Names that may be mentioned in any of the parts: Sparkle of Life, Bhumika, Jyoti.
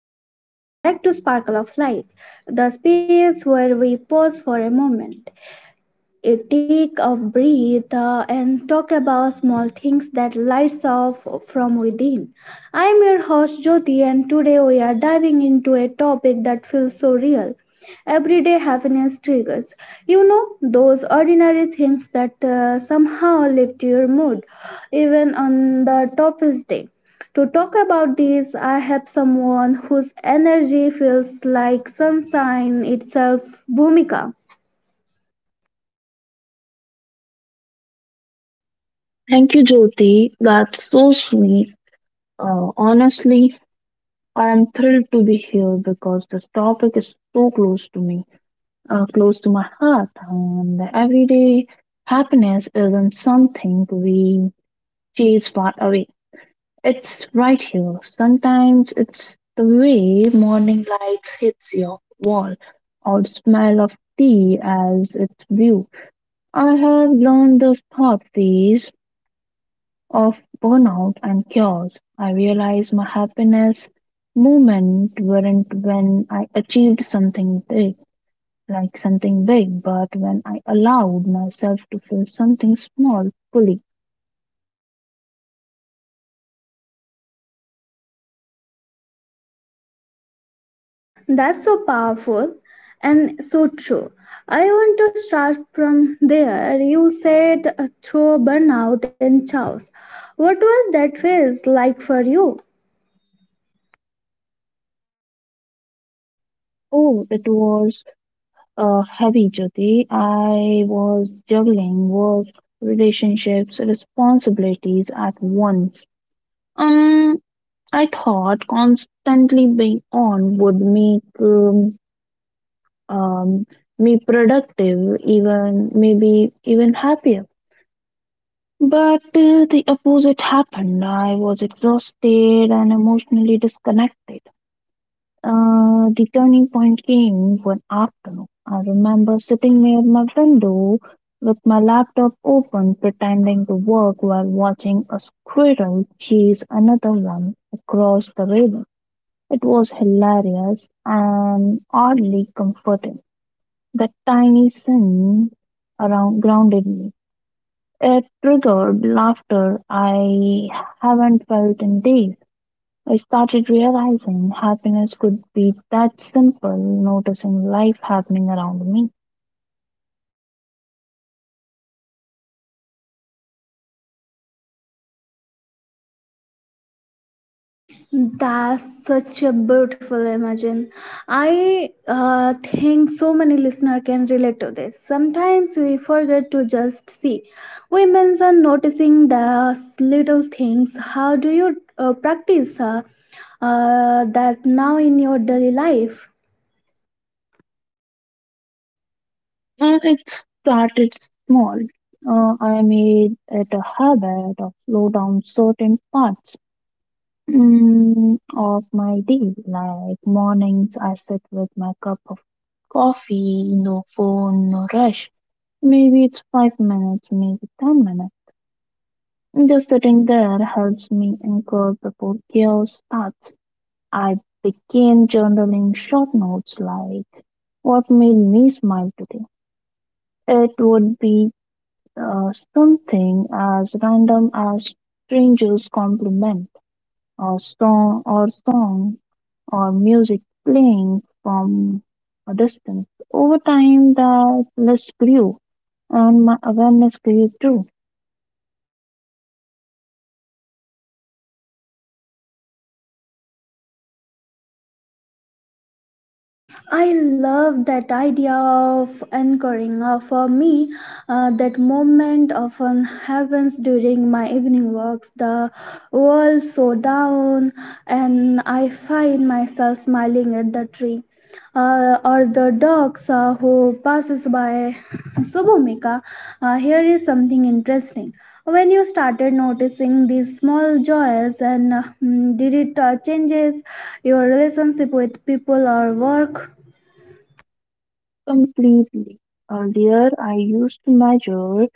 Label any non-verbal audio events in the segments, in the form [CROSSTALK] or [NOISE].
everyone, welcome back to Sparkle of Life, the space where we pause for a moment a take a breath, and talk about small things that lights off from within. I'm your host Jyoti, and today we are diving into a topic that feels so real: everyday happiness triggers, you know, those ordinary things that somehow lift your mood even on the toughest day. To talk about this, I have someone whose energy feels like sunshine itself, Bhumika. Thank you, Jyoti. That's so sweet. Honestly, I am thrilled to be here because this topic is so close to me, close to my heart. And everyday happiness isn't something we chase far away. It's right here. Sometimes it's the way morning light hits your wall, or the smell of tea as it's brewed. I have learned this thought phase of burnout and chaos. I realized my happiness moment weren't when I achieved something big, like something big, but when I allowed myself to feel something small fully. That's so powerful and so true. I want to start from there. You said, through burnout and chaos. What was that phase like for you? Oh, it was heavy, Jyoti. I was juggling work, relationships, responsibilities at once. Um, I thought constantly being on would make um, me productive, even maybe even happier. But the opposite happened. I was exhausted and emotionally disconnected. The turning point came one afternoon. I remember sitting near my window with my laptop open, pretending to work while watching a squirrel chase another one across the river. It was hilarious and oddly comforting. That tiny sin around grounded me. It triggered laughter I haven't felt in days. I started realizing happiness could be that simple, noticing life happening around me. That's such a beautiful imagine. I think so many listener can relate to this. Sometimes we forget to just see. Women's are noticing the little things. How do you practice that now in your daily life? And it started small. I made it a habit of slow down certain parts of my day, like mornings I sit with my cup of coffee, no phone, no rush. Maybe it's 5 minutes, maybe 10 minutes. Just sitting there helps me anchor before chaos starts. I began journaling short notes like what made me smile today. It would be something as random as strangers' compliment, or song, or music playing from a distance. Over time, that list grew, and my awareness grew too. I love that idea of anchoring. For me, that moment often happens during my evening walks. The world so down, and I find myself smiling at the tree, or the dogs who passes by. So, Bhumika, here is something interesting. When you started noticing these small joys, and did it changes your relationship with people or work? Completely. Earlier, I used to measure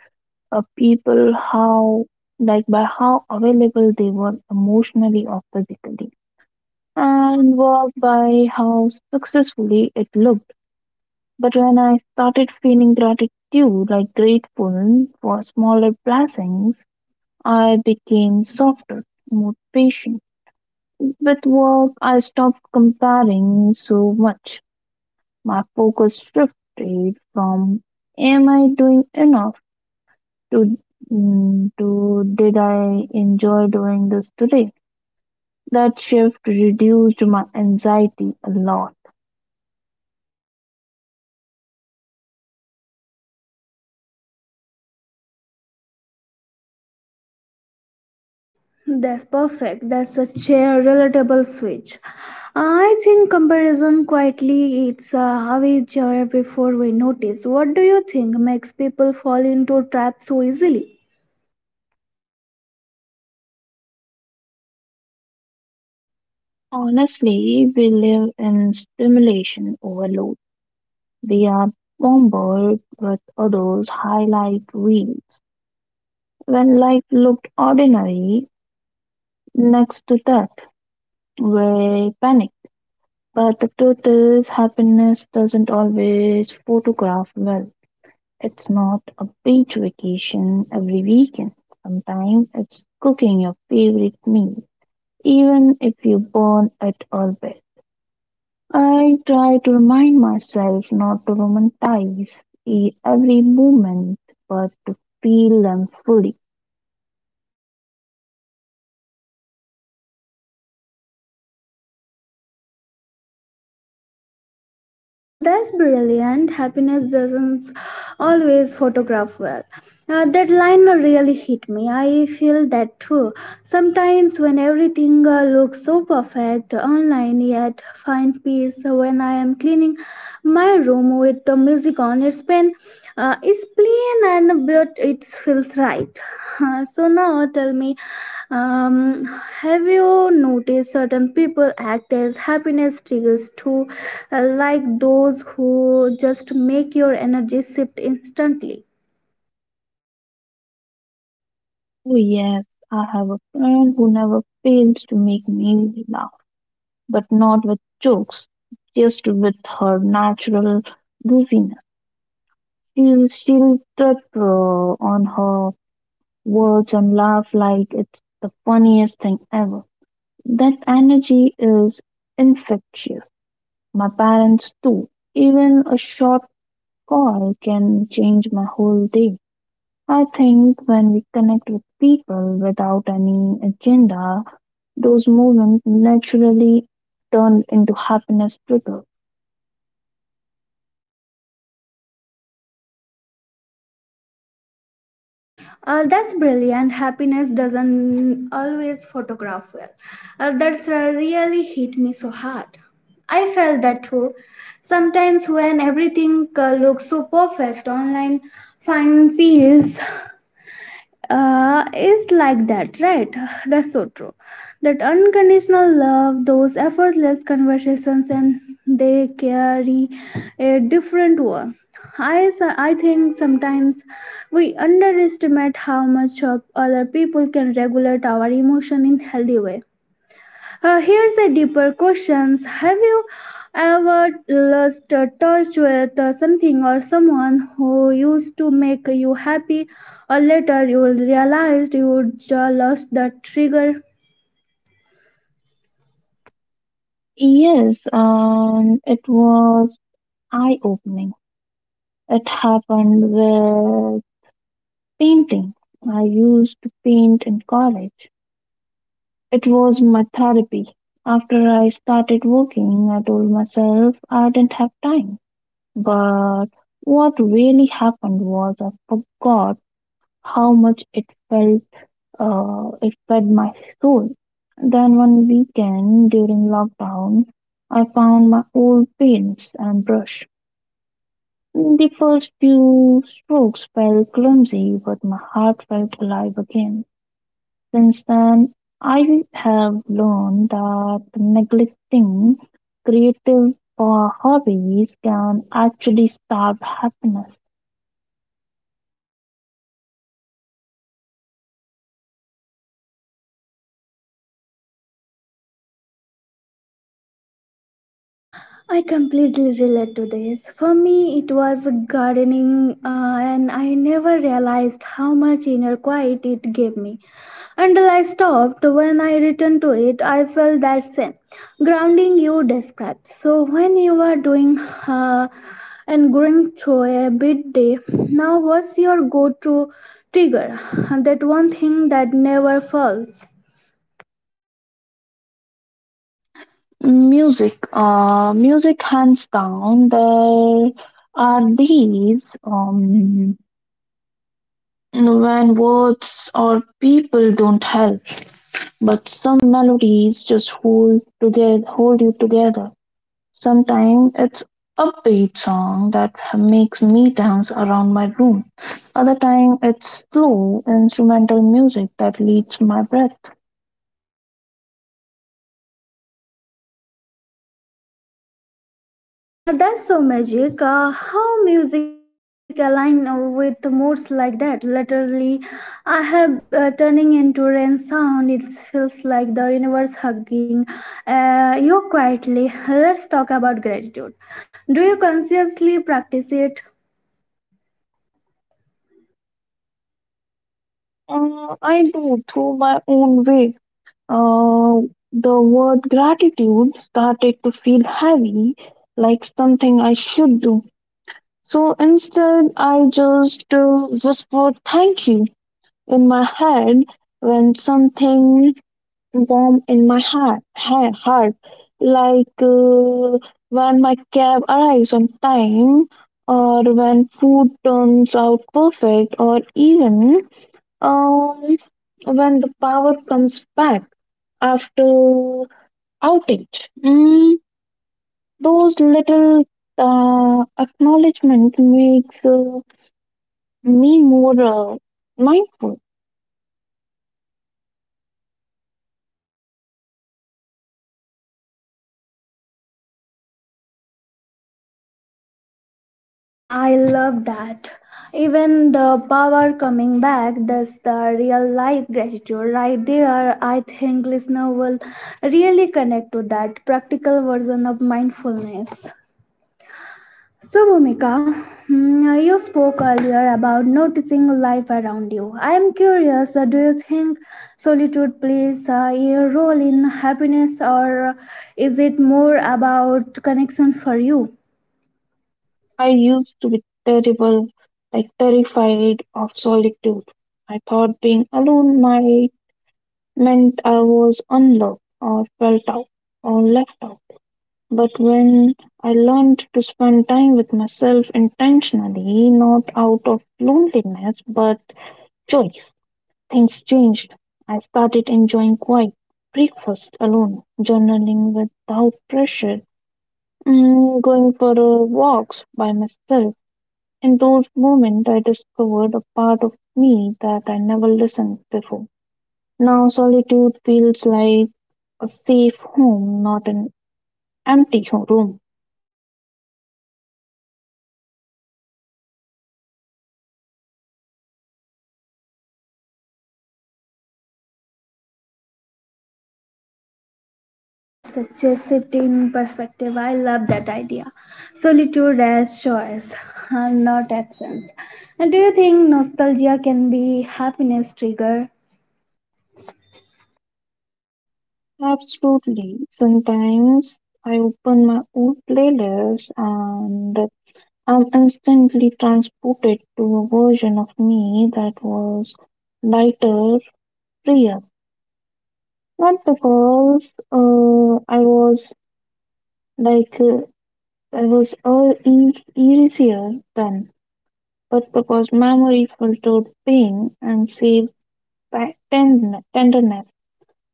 people how, like, by how available they were emotionally or physically, and work by how successfully it looked. But when I started feeling gratitude, like grateful for smaller blessings, I became softer, more patient. With work, I stopped comparing so much. My focus shifted from "Am I doing enough?" to to "Did I enjoy doing this today?" That shift reduced my anxiety a lot. That's perfect. That's such a relatable switch. I think comparison quietly eats heavy joy before we notice. What do you think makes people fall into traps so easily? Honestly, we live in stimulation overload. We are bombarded with others' highlight reels. When life looked ordinary next to that, we panic. But the truth is, happiness doesn't always photograph well. It's not a beach vacation every weekend. Sometimes it's cooking your favorite meal, even if you burn it all bit. I try to remind myself not to romanticize every moment, but to feel them fully. That's brilliant. Happiness doesn't always photograph well. That line really hit me. I feel that too. Sometimes, when everything looks so perfect online, yet find peace when I am cleaning my room with the music on. It's been, it's plain and but it feels right. So now tell me, um, have you noticed certain people act as happiness triggers too, like those who just make your energy shift instantly? Oh, yes, I have a friend who never fails to make me laugh, but not with jokes, just with her natural goofiness. She's sheltered on her words and laugh like it's the funniest thing ever. That energy is infectious. My parents too. Even a short call can change my whole day. I think when we connect with people without any agenda, those moments naturally turn into happiness trigger. That's brilliant. Happiness doesn't always photograph well. That's really hit me so hard. I felt that too. Sometimes when everything looks so perfect online, fine feels, is like that, right? [LAUGHS] [SIGHS] That's so true. That unconditional love, those effortless conversations, and they carry a different one. I think sometimes we underestimate how much of other people can regulate our emotion in healthy way. Here's a deeper question. Have you ever lost touch with something or someone who used to make you happy, or later you realized you just lost the trigger? Yes, and it was eye opening. It happened where Painting. I used to paint in college. It was my therapy. After I started working, I told myself I didn't have time. But what really happened was I forgot how much it felt, it fed my soul. Then one weekend during lockdown, I found my old paints and brush. The first few strokes felt clumsy, but my heart felt alive again. Since then, I have learned that neglecting creative hobbies can actually starve happiness. I completely relate to this. For me, it was gardening, and I never realized how much inner quiet it gave me until I stopped. When I returned to it, I felt that same grounding you described. So, when you are doing, and going through a big day, now what's your go to trigger? That one thing that never falls. Music, hands down. There are days when words or people don't help, but some melodies just hold together, hold you together. Sometimes it's upbeat song that makes me dance around my room. Other time it's slow instrumental music that leads my breath. That's so magic. How music align with the moods like that? Literally, I have, turning into rain sound. It feels like the universe hugging you quietly. Let's talk about gratitude. Do you consciously practice it? I do through my own way. The word gratitude started to feel heavy, like something I should do. So instead, I just whisper thank you in my head when something warm in my heart. Like when my cab arrives on time, or when food turns out perfect, or even um, when the power comes back after outage. Those little acknowledgement makes me more uh, mindful. I love that. Even the power coming back, that's the real life gratitude right there. I think listener will really connect to that practical version of mindfulness. So, Bhumika, you spoke earlier about noticing life around you. I am curious, do you think solitude plays a role in happiness, or is it more about connection for you? I used to be terrible, like terrified of solitude. I thought being alone might meant I was unloved or felt out or left out. But when I learned to spend time with myself intentionally, not out of loneliness but choice, things changed. I started enjoying quiet breakfast alone, journaling without pressure, going for walks by myself. In those moments, I discovered a part of me that I never listened before. Now, solitude feels like a safe home, not an empty room. That's such a shift in perspective. I love that idea. Solitude as choice, [LAUGHS] not absence. And do you think nostalgia can be happiness trigger? Absolutely. Sometimes I open my old playlist and I'm instantly transported to a version of me that was lighter, freer. Not because I was like I was all easier then, but because memory filtered pain and saved tenderness.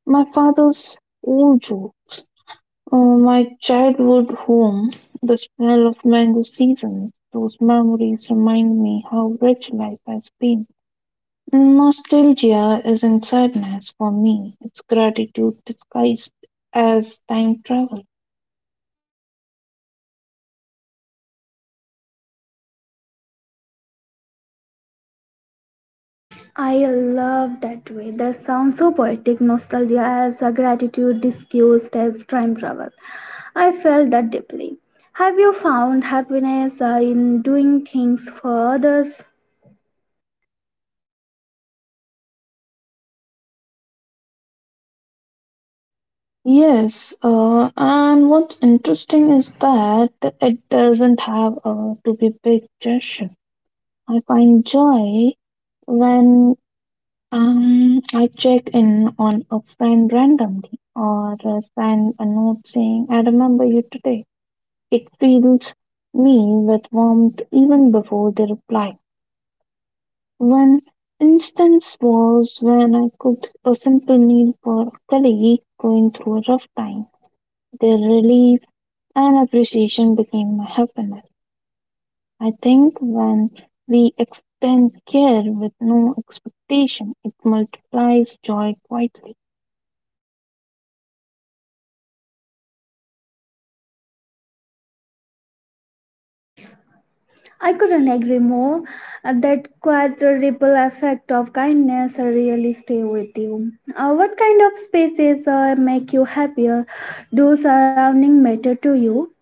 My father's old jokes, my childhood home, the smell of mango season, those memories remind me how rich life has been. Nostalgia isn't sadness for me, it's gratitude disguised as time travel. I love that way. That sounds so poetic. Nostalgia as a gratitude disguised as time travel. I felt that deeply. Have you found happiness in doing things for others? Yes, and what's interesting is that it doesn't have to be big gesture. I find joy when I check in on a friend randomly or send a note saying, I remember you today. It fills me with warmth even before they reply. One instance was when I cooked a simple meal for a colleague going through a rough time. Their relief and appreciation became my happiness. I think when we extend care with no expectation, it multiplies joy quietly. I couldn't agree more. That quiet ripple effect of kindness really stay with you. What kind of spaces make you happier? Do surrounding matter to you?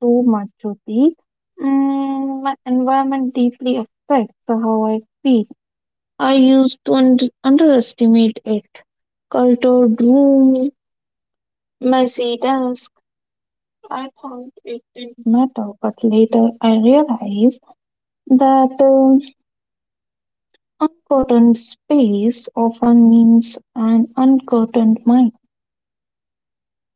So much of my environment deeply affects how I feel. I used to underestimate it. Cluttered room, messy desk. I thought it didn't matter, but later I realized that uncurtained space often means an uncurtained mind.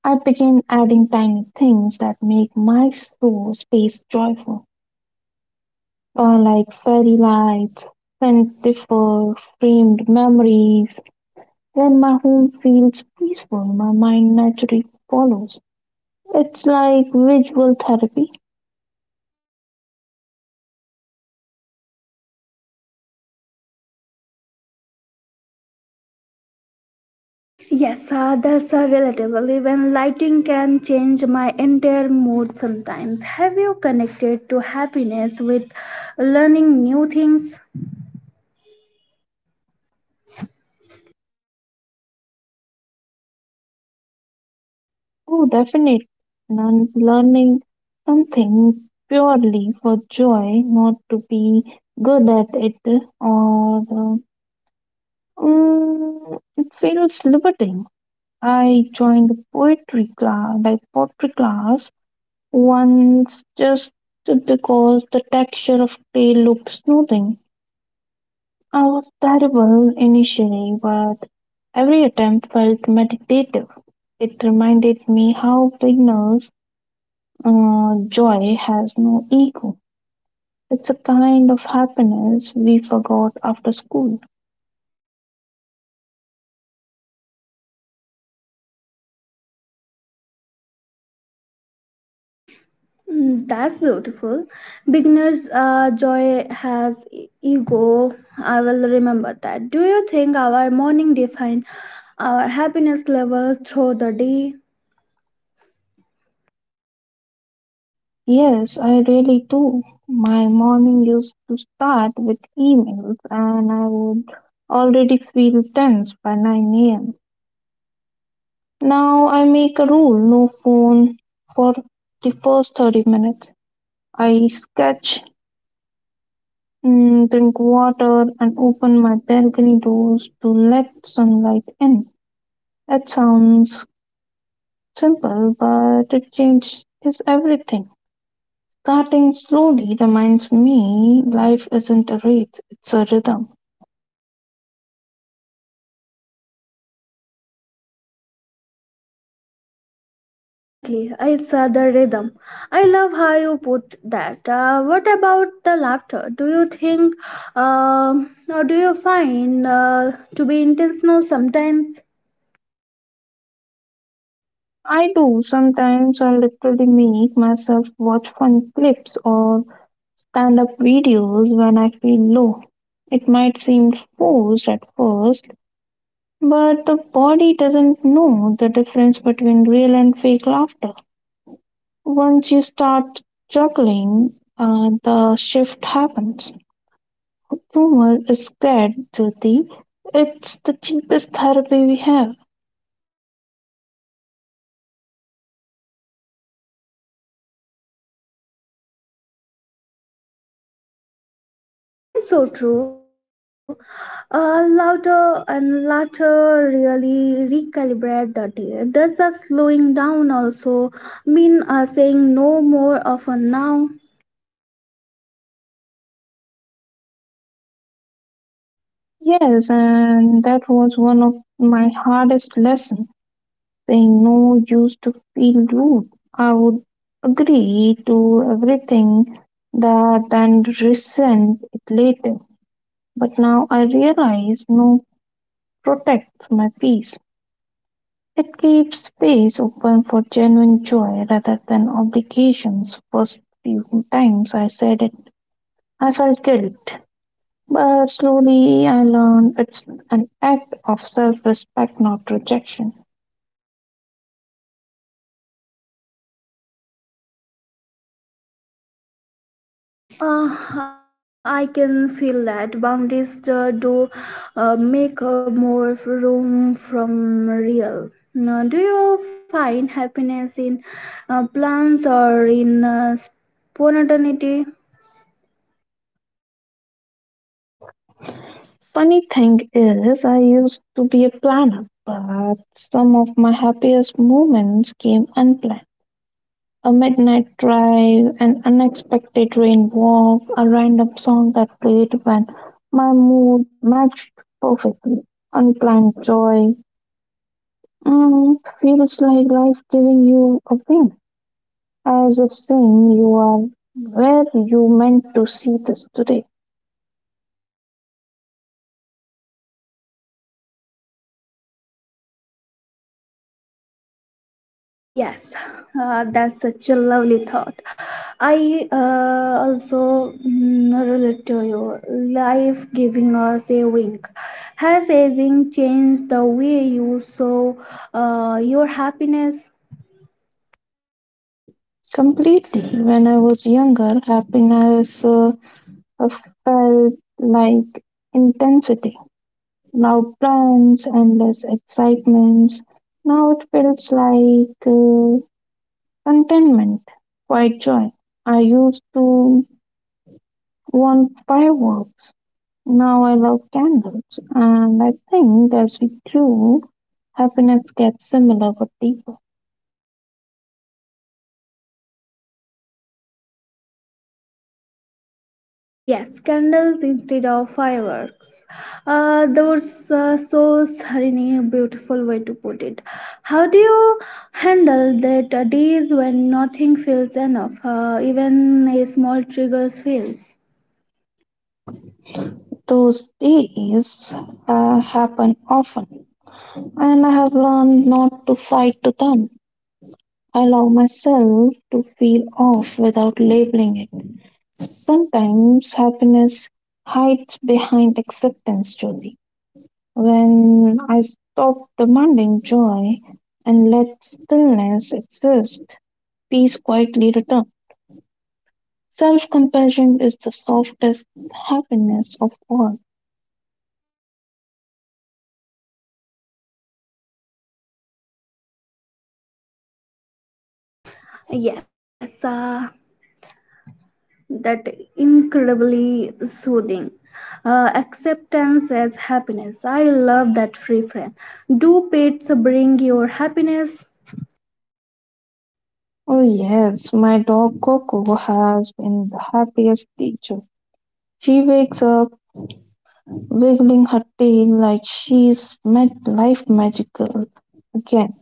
I begin adding tiny things that make my slow space joyful, like fairy lights, scented framed memories. When my home feels peaceful, my mind naturally follows. It's like visual therapy. Yes, that's relatable. Even lighting can change my entire mood sometimes. Have you connected to happiness with learning new things? Oh, definitely. Learning something purely for joy, not to be good at it or it feels liberating. I joined the poetry class, like pottery class, once just because the texture of clay looked soothing. I was terrible initially, but every attempt felt meditative. It reminded me how beginners' joy has no ego. It's a kind of happiness we forgot after school. Mm, that's beautiful. Beginner's joy has ego. I will remember that. Do you think our morning define our happiness level through the day? Yes, I really do. My morning used to start with emails, and I would already feel tense by 9 a.m. Now I make a rule no phone for the first 30 minutes. I sketch, drink water, and open my balcony doors to let sunlight in. That sounds simple, but it changes everything. Starting slowly reminds me life isn't a race, it's a rhythm. Exactly, it's the rhythm. I love how you put that. What about the laughter? Do you think, um, or do you find to be intentional sometimes? I do. Sometimes I literally make myself watch fun clips or stand up videos when I feel low. It might seem forced at first, but the body doesn't know the difference between real and fake laughter. Once you start juggling, the shift happens. Boomer is scared, guilty. It's the cheapest therapy we have. It's so true. Laughter and laughter really recalibrate the day. Does the slowing down also mean saying no more often now? Yes, and that was one of my hardest lessons. Saying no used to feel rude. I would agree to everything that and resent it later. But now I realize no protects my peace. It keeps space open for genuine joy rather than obligations. First few times I said it I felt guilt, but slowly I learned it's an act of self respect, not rejection. I can feel that boundaries do make more f- room from real. Now, do you find happiness in plans or in spontaneity? Funny thing is, I used to be a planner, but some of my happiest moments came unplanned. A midnight drive, an unexpected rain walk, a random song that played when my mood matched perfectly. Unplanned joy feels like life giving you a wink. As if saying, You are where you meant to see this today. Yes, that's such a lovely thought. I also relate to you. Life giving us a wink. Has aging changed the way you saw your happiness? Completely. When I was younger, happiness felt like intensity, loud plans, endless excitements. Now it feels like contentment, quiet joy. I used to want fireworks. Now I love candles. And I think as we grew, happiness gets similar but deeper. Yes, candles instead of fireworks. That was, so serene, a beautiful way to put it. How do you handle that days when nothing feels enough, even a small trigger fails. Those days happen often, and I have learned not to fight to them. I allow myself to feel off without labeling it. Sometimes happiness hides behind acceptance, Jyoti. When I stop demanding joy and let stillness exist, peace quietly returns. Self compassion is the softest happiness of all. Yes, that incredibly soothing. Acceptance as happiness. I love that free frame. Do pets bring your happiness? Oh, yes, my dog Coco has been the happiest creature. She wakes up wiggling her tail like she's met life magical again.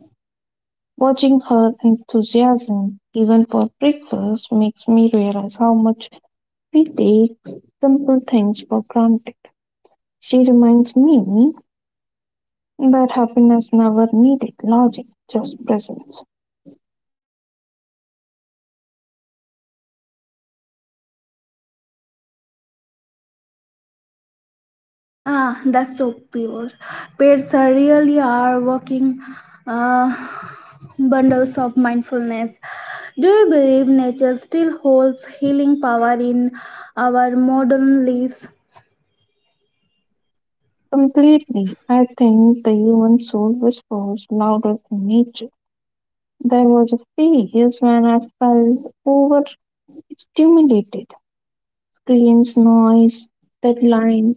Watching her enthusiasm, even for breakfast, makes me realize how much we take simple things for granted. She reminds me that happiness never needed logic, just presence. Ah, that's so pure. Pets are really are walking uh, bundles of mindfulness. Do you believe nature still holds healing power in our modern lives? Completely, I think the human soul whispers louder than nature. There was a phase when I felt overstimulated. Screens, noise, deadlines.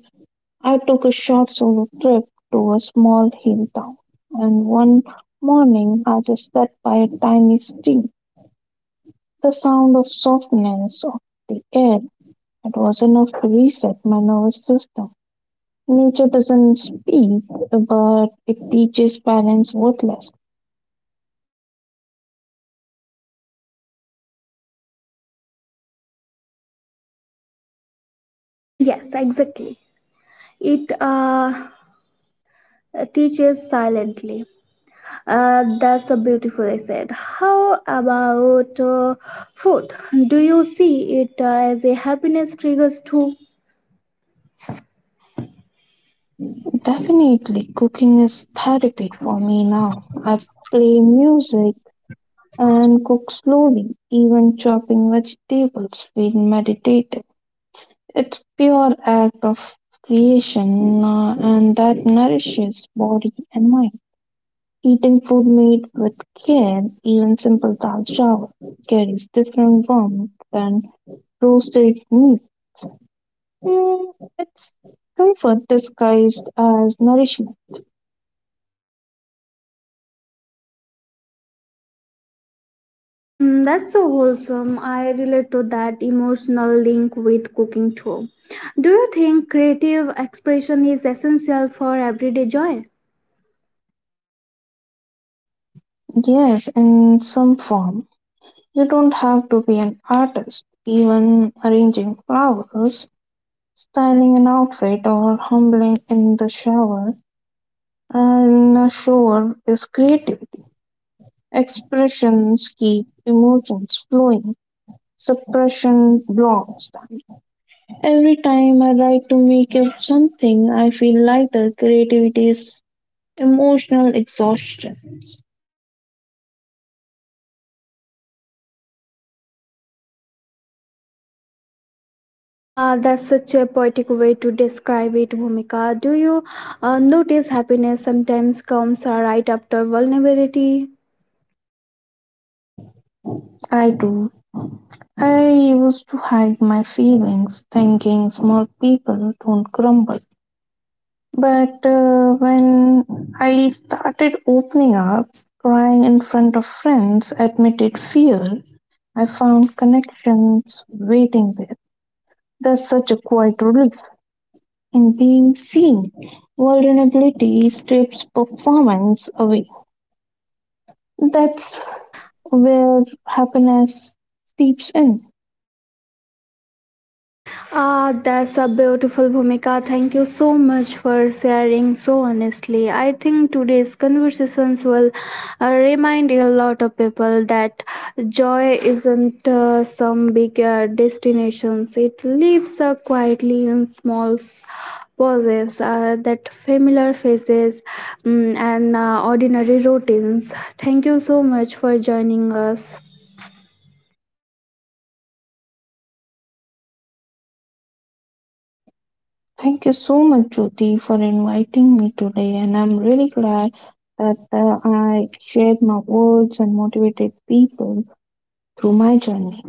I took a short solo trip to a small hill town, and one morning I just sat by a tiny stream. The sound of softness of the air it was enough to reset my nervous system. Nature doesn't speak, but it teaches balance worthless. Yes, exactly. It teaches silently. That's a beautifully said. How about food? Do you see it as a happiness triggers too? Definitely, cooking is therapy for me now. I play music and cook slowly. Even chopping vegetables feel meditative. It's pure act of creation, and that nourishes body and mind. Eating food made with care, even simple dal chawal, carries different warmth than roasted meat. Mm, it's comfort disguised as nourishment. Mm, that's so wholesome. I relate to that emotional link with cooking too. Do you think creative expression is essential for everyday joy? Yes, in some form. You don't have to be an artist. Even arranging flowers, styling an outfit, or humbling in the shower and a shower is creativity. Expressions keep emotions flowing. Suppression blocks them. Every time I write to make up something, I feel lighter. Creativity is emotional exhaustion. That's such a poetic way to describe it, Bhumika. Do you notice happiness sometimes comes right after vulnerability? I do. I used to hide my feelings, thinking small people don't crumble. But when I started opening up, crying in front of friends, admitted fear, I found connections waiting there. There's such a quiet relief in being seen. Vulnerability strips performance away. That's where happiness seeps in. Ah, that's a beautiful Bhumika. Thank you so much for sharing so honestly. I think today's conversations will remind a lot of people that joy isn't some big destinations. It lives quietly in small pauses that familiar faces, and ordinary routines. Thank you so much for joining us. Thank you so much, Jyoti, for inviting me today. And I'm really glad that I shared my words and motivated people through my journey.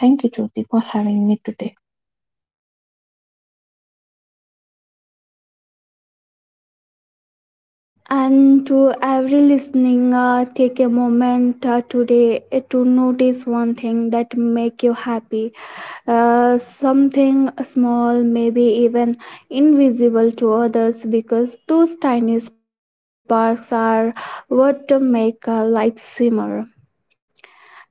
Thank you, Jyoti, for having me today. And to every listening, take a moment today to notice one thing that make you happy. Something small, maybe even invisible to others, because those tiny sparks are what make life simmer.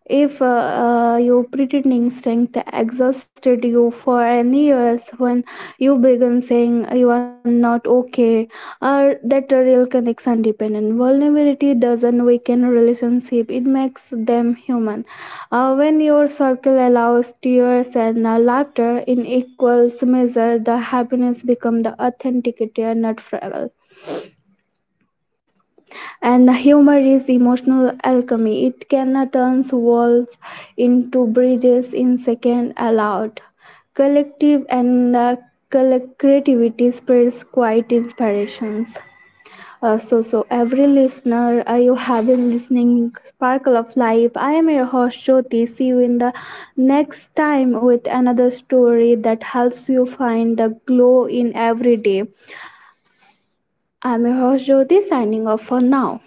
If your pretending strength exhausted you for any years, when you begin saying you are not okay, or that a real connection dependent vulnerability doesn't weaken relationship; it makes them human. When your circle allows tears and laughter in equal measure, the happiness become the authenticity, not fragile. And humor is emotional alchemy. It can turn walls into bridges in second allowed. Collective and creativity spreads quite inspirations. So every listener, you have been listening Sparkle of Life. I am your host Jyoti. See you in the next time with another story that helps you find the glow in every day. I am your host Jyoti, signing off for now.